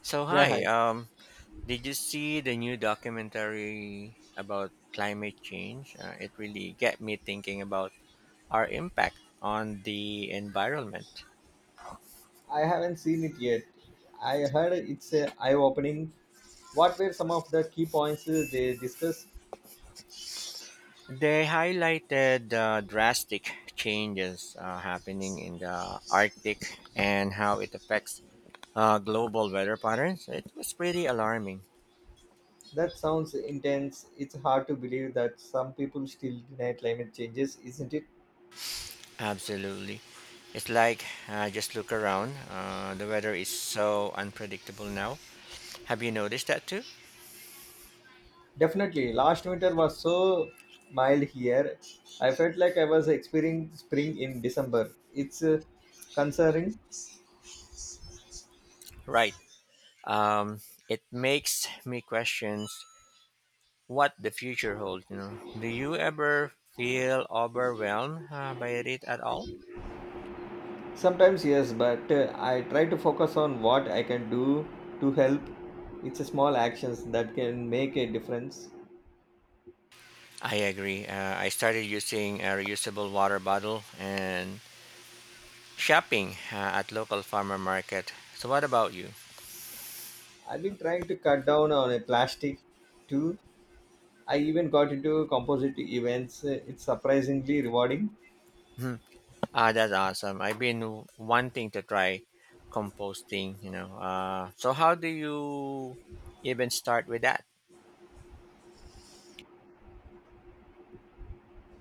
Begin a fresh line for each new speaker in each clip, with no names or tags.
So
Yeah,
hi,
hi.
did you see the new documentary about climate change? It really get me thinking about our impact on the environment.
I haven't seen it yet. I heard it's a eye-opening. What were some of the key points they discussed?
They highlighted the drastic changes happening in the Arctic and how it affects global weather patterns. It was pretty alarming.
That sounds intense. It's hard to believe that some people still deny climate changes, isn't it?
Absolutely. It's like just look around. The weather is so unpredictable now. Have you noticed that too?
Definitely. Last winter was so mild here. I felt like I was experiencing spring in December. It's concerning.
Right. um, it makes me questions what the future holds. You know, do you ever feel overwhelmed by it at all?
Sometimes yes, but I try to focus on what I can do to help. It's a small actions that can make a difference.
I agree. I started using a reusable water bottle and shopping at local farmer market. So, what about you?
I've been trying to cut down on a plastic too. I even got into composite events. It's surprisingly rewarding.
Hmm. Ah, that's awesome. I've been wanting to try composting. So how do you even start with that?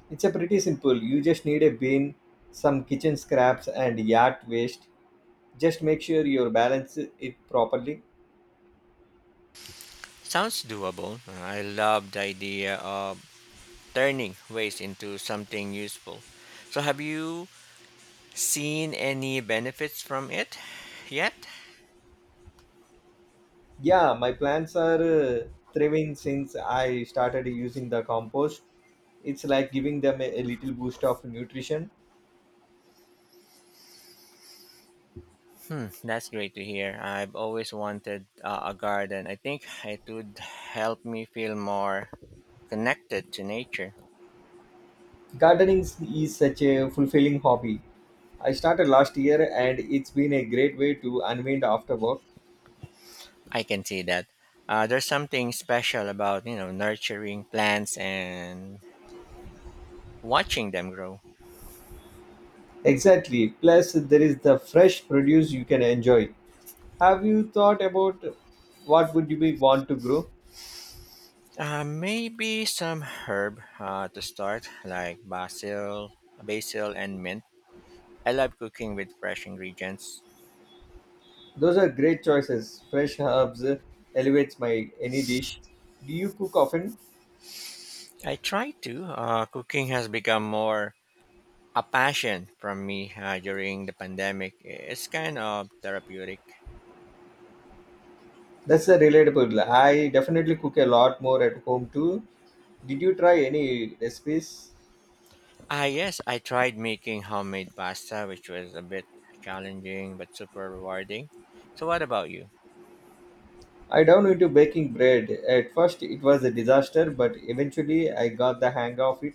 It's a pretty simple. You just need a bin, some kitchen scraps and yard waste. Just make sure you balance it properly.
Sounds doable. I love the idea of turning waste into something useful. So, have you seen any benefits from it yet?
Yeah, my plants are thriving since I started using the compost. It's like giving them a little boost of nutrition.
Hmm, that's great to hear. I've always wanted a garden. I think it would help me feel more connected to nature.
Gardening is such a fulfilling hobby. I started last year and it's been a great way to unwind after work.
I can see that. There's something special about you know nurturing plants and watching them grow.
Exactly. Plus, there is the fresh produce you can enjoy. Have you thought about what would you be want to grow?
Maybe some herb to start, like basil and mint. I love cooking with fresh ingredients.
Those are great choices. Fresh herbs elevates my any dish. Do you cook often?
I try to. Cooking has become more a passion from me during the pandemic. It's kind of therapeutic.
That's a relatable. I definitely cook a lot more at home too. Did you try any recipes?
Ah, yes, I tried making homemade pasta, which was a bit challenging but super rewarding. So, what about you?
I down into baking bread. At first, it was a disaster, but eventually, I got the hang of it.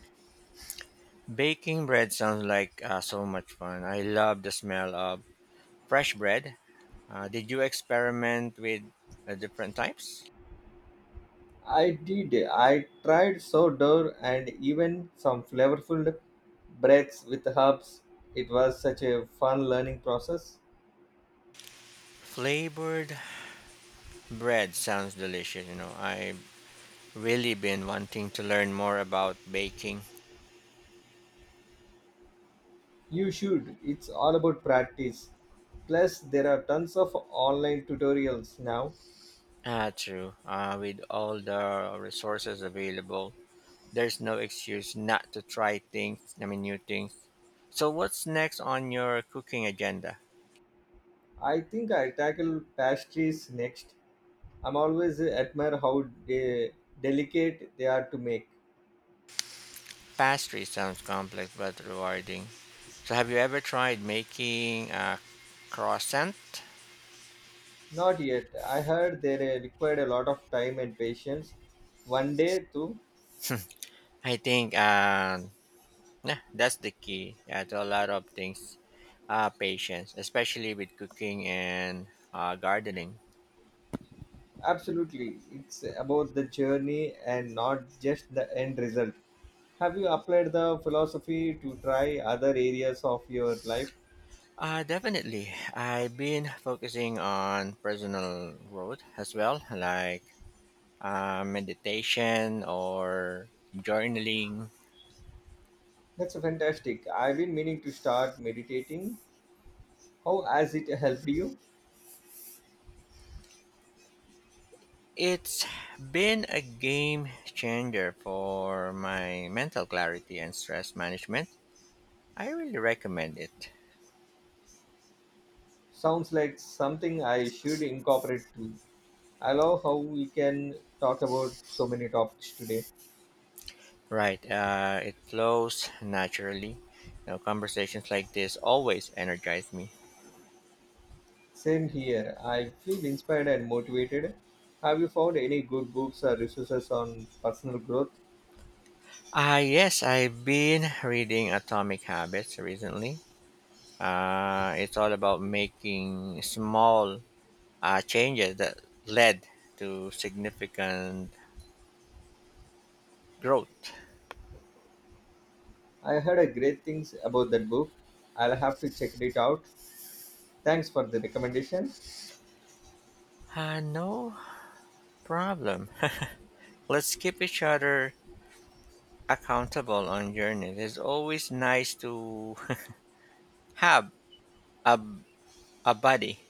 Baking bread sounds like so much fun. I love the smell of fresh bread. Did you experiment with different types?
I did. I tried sourdough and even some flavorful breads with herbs. It was such a fun learning process.
Flavored bread sounds delicious. You know, I really been wanting to learn more about baking.
You should. It's all about practice. Plus, there are tons of online tutorials now.
Ah, true. With all the resources available, there's no excuse not to try things, I mean, new things. So, what's next on your cooking agenda?
I think I tackle pastries next. I'm always admire how delicate they are to make.
Pastry sounds complex but rewarding. So, have you ever tried making a croissant?
Not yet. I heard they required a lot of time and patience. One day, too.
I think yeah, that's the key, yeah, to a lot of things. Patience, especially with cooking and gardening.
Absolutely. It's about the journey and not just the end result. Have you applied the philosophy to try other areas of your life?
Definitely. I've been focusing on personal growth as well, like meditation or journaling.
That's fantastic. I've been meaning to start meditating. How has it helped you?
It's been a game changer for my mental clarity and stress management. I really recommend it.
Sounds like something I should incorporate too. I love how we can talk about so many topics today.
Right, it flows naturally. You know, conversations like this always energize me.
Same here. I feel inspired and motivated. Have you found any good books or resources on personal growth?
Ah, yes, I've been reading Atomic Habits recently. It's all about making small changes that led to significant growth.
I heard a great things about that book. I'll have to check it out. Thanks for the recommendation.
No problem. Let's keep each other accountable on journeys. It's always nice to have a, a buddy.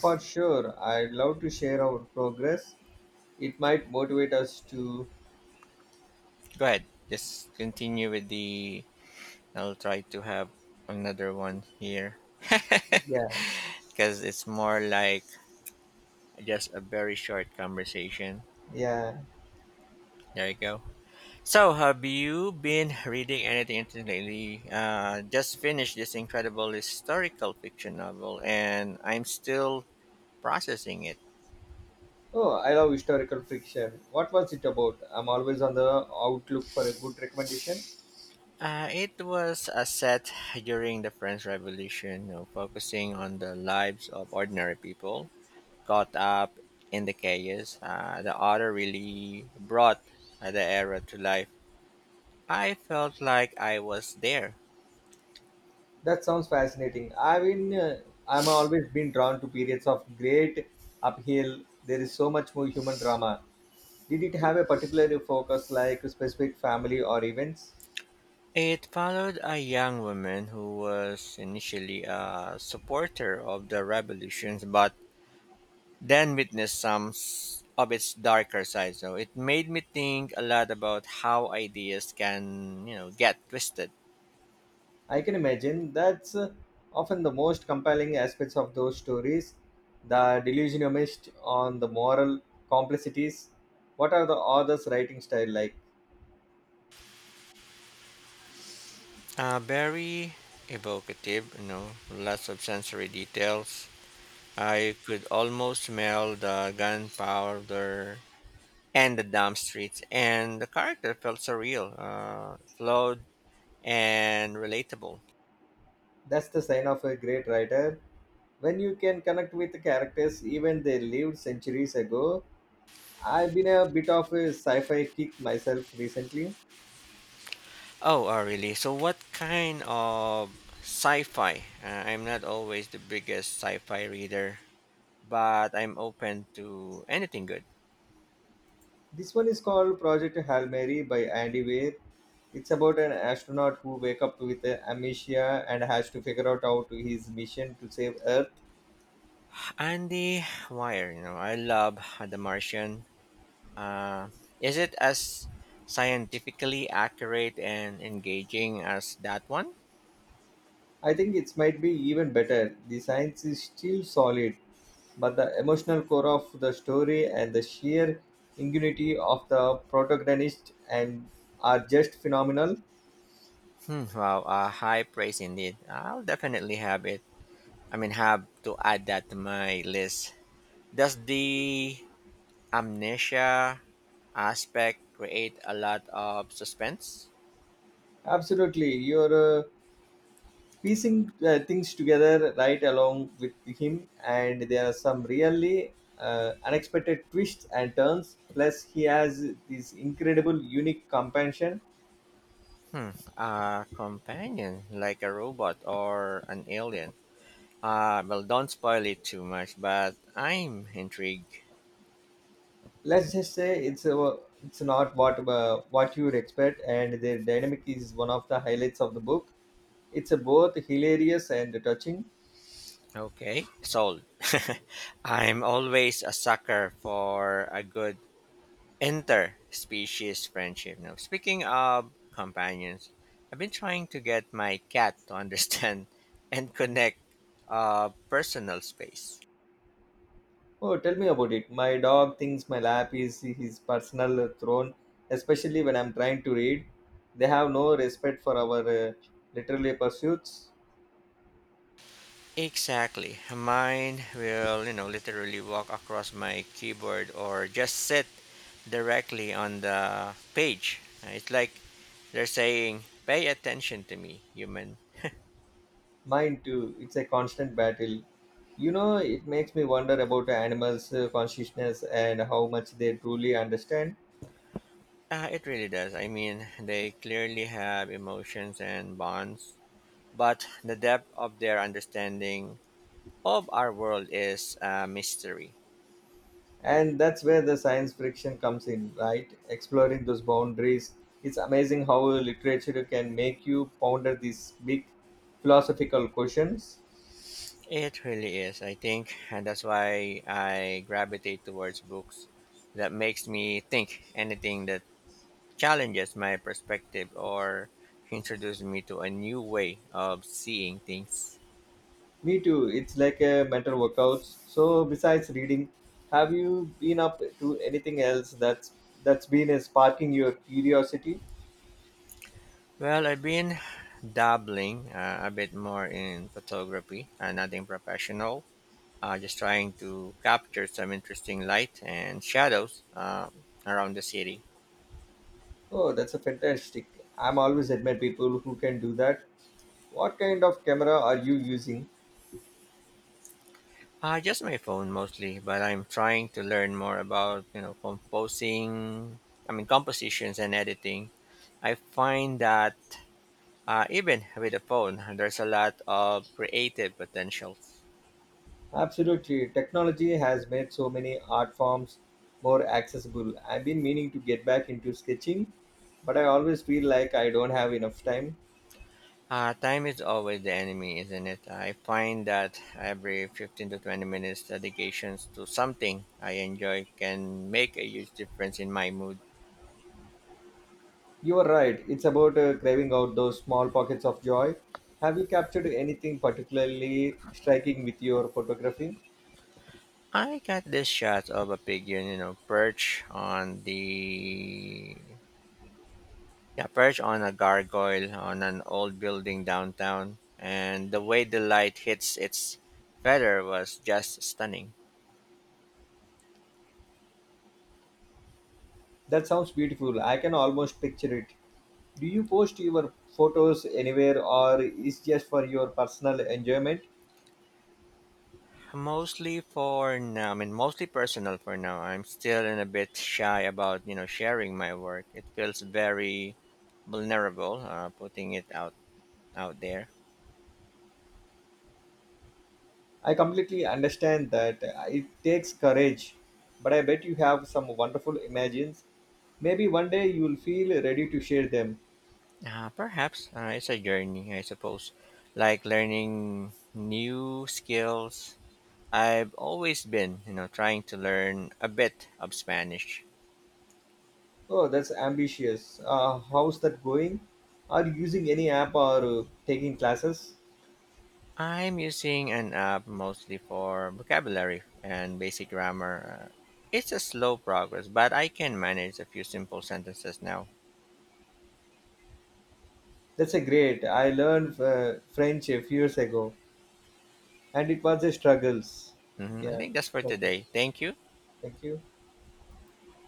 For sure, I'd love to share our progress. It might motivate us to
Go ahead. Just continue with the. I'll try to have another one here.
yes.
Because it's more like just a very short conversation.
Yeah.
There you go. So, have you been reading anything interesting lately? Just finished this incredible historical fiction novel, and I'm still processing it.
Oh, I love historical fiction. What was it about? I'm always on the outlook for a good recommendation.
It was a set during the French Revolution, you know, focusing on the lives of ordinary people caught up in the chaos. The author really brought the era to life. I felt like I was there.
That sounds fascinating. I'm always been drawn to periods of great upheaval. There is so much more human drama. Did it have a particular focus, like a specific family or events?
It followed a young woman who was initially a supporter of the revolutions, but then witnessed some of its darker side. So it made me think a lot about how ideas can, you know, get twisted.
I can imagine that's often the most compelling aspects of those stories. The delusionist on the moral complexities. What are the author's writing style like?
Very evocative, you know, lots of sensory details. I could almost smell the gunpowder and the damp streets, and the character felt surreal, flawed, and relatable.
That's the sign of a great writer. When you can connect with the characters, even they lived centuries ago. I've been a bit of a sci fi kick myself recently.
Oh, really? So, what kind of sci-fi? I'm not always the biggest sci-fi reader, but I'm open to anything good.
This one is called Project Hail Mary by Andy Weir. It's about an astronaut who wake up with amnesia and has to figure out how to his mission to save Earth.
Andy Wire, you know, I love The Martian. Uh, is it as scientifically accurate and engaging as that one?
I think it might be even better. The science is still solid, but the emotional core of the story and the sheer ingenuity of the protagonist and are just phenomenal.
Hmm, wow, high praise indeed. I'll definitely have it. I mean, have to add that to my list. Does the amnesia aspect create a lot of suspense.
Absolutely, your piecing things together right along with him, and there are some really unexpected twists and turns. Plus he has this incredible unique compassion.
Hmm. A companion, like a robot or an alien. Ah, well, don't spoil it too much, but I'm intrigued.
Let's just say it's not what what you would expect, and their dynamic is one of the highlights of the book. It's both hilarious and touching.
Okay, sold. I'm always a sucker for a good interspecies friendship. Now, speaking of companions, I've been trying to get my cat to understand and connect personal space.
Oh, tell me about it. My dog thinks my lap is his personal throne, especially when I'm trying to read. They have no respect for our literary pursuits.
Exactly. Mine will, you know, literally walk across my keyboard or just sit directly on the page. It's like they're saying, pay attention to me, human.
Mine too. It's a constant battle. You know, it makes me wonder about animals' consciousness and how much they truly understand.
It really does. I mean, they clearly have emotions and bonds, but the depth of their understanding of our world is a mystery.
And that's where the science friction comes in, right? Exploring those boundaries. It's amazing how literature can make you ponder these big philosophical questions.
It really is, I think. And that's why I gravitate towards books that makes me think anything that challenges my perspective or introduced me to a new way of seeing things.
Me too. It's like a mental workouts. So besides reading, have you been up to anything else that's been sparking your curiosity?
Well, I've been dabbling a bit more in photography, nothing professional, just trying to capture some interesting light and shadows around the city.
Oh, that's a fantastic. I'm always admire people who can do that. What kind of camera are you using?
Just my phone mostly, but I'm trying to learn more about, you know, compositions and editing. I find that even with a phone, there's a lot of creative potential.
Absolutely. Technology has made so many art forms more accessible. I've been meaning to get back into sketching, but I always feel like I don't have enough time.
Time is always the enemy, isn't it? I find that every 15 to 20 minutes dedications to something I enjoy can make a huge difference in my mood.
You are right. It's about craving out those small pockets of joy. Have you captured anything particularly striking with your photography?
I got this shot of a pigeon, you know, perch on a gargoyle on an old building downtown, and the way the light hits its feather was just stunning.
That sounds beautiful. I can almost picture it. Do you post your photos anywhere or is just for your personal enjoyment?
Mostly personal for now. I'm still in a bit shy about, you know, sharing my work. It feels very vulnerable, putting it out there.
I completely understand that it takes courage, but I bet you have some wonderful images. Maybe one day you'll feel ready to share them.
Perhaps it's a journey, I suppose, like learning new skills. I've always been, you know, trying to learn a bit of Spanish.
Oh, that's ambitious. How's that going? Are you using any app or taking classes?
I'm using an app mostly for vocabulary and basic grammar. It's a slow progress, but I can manage a few simple sentences now.
That's a great. I learned French a few years ago, and it was a struggles.
Hmm, I
Yeah,
think that's for
thank you.
today. Thank you.
Thank you.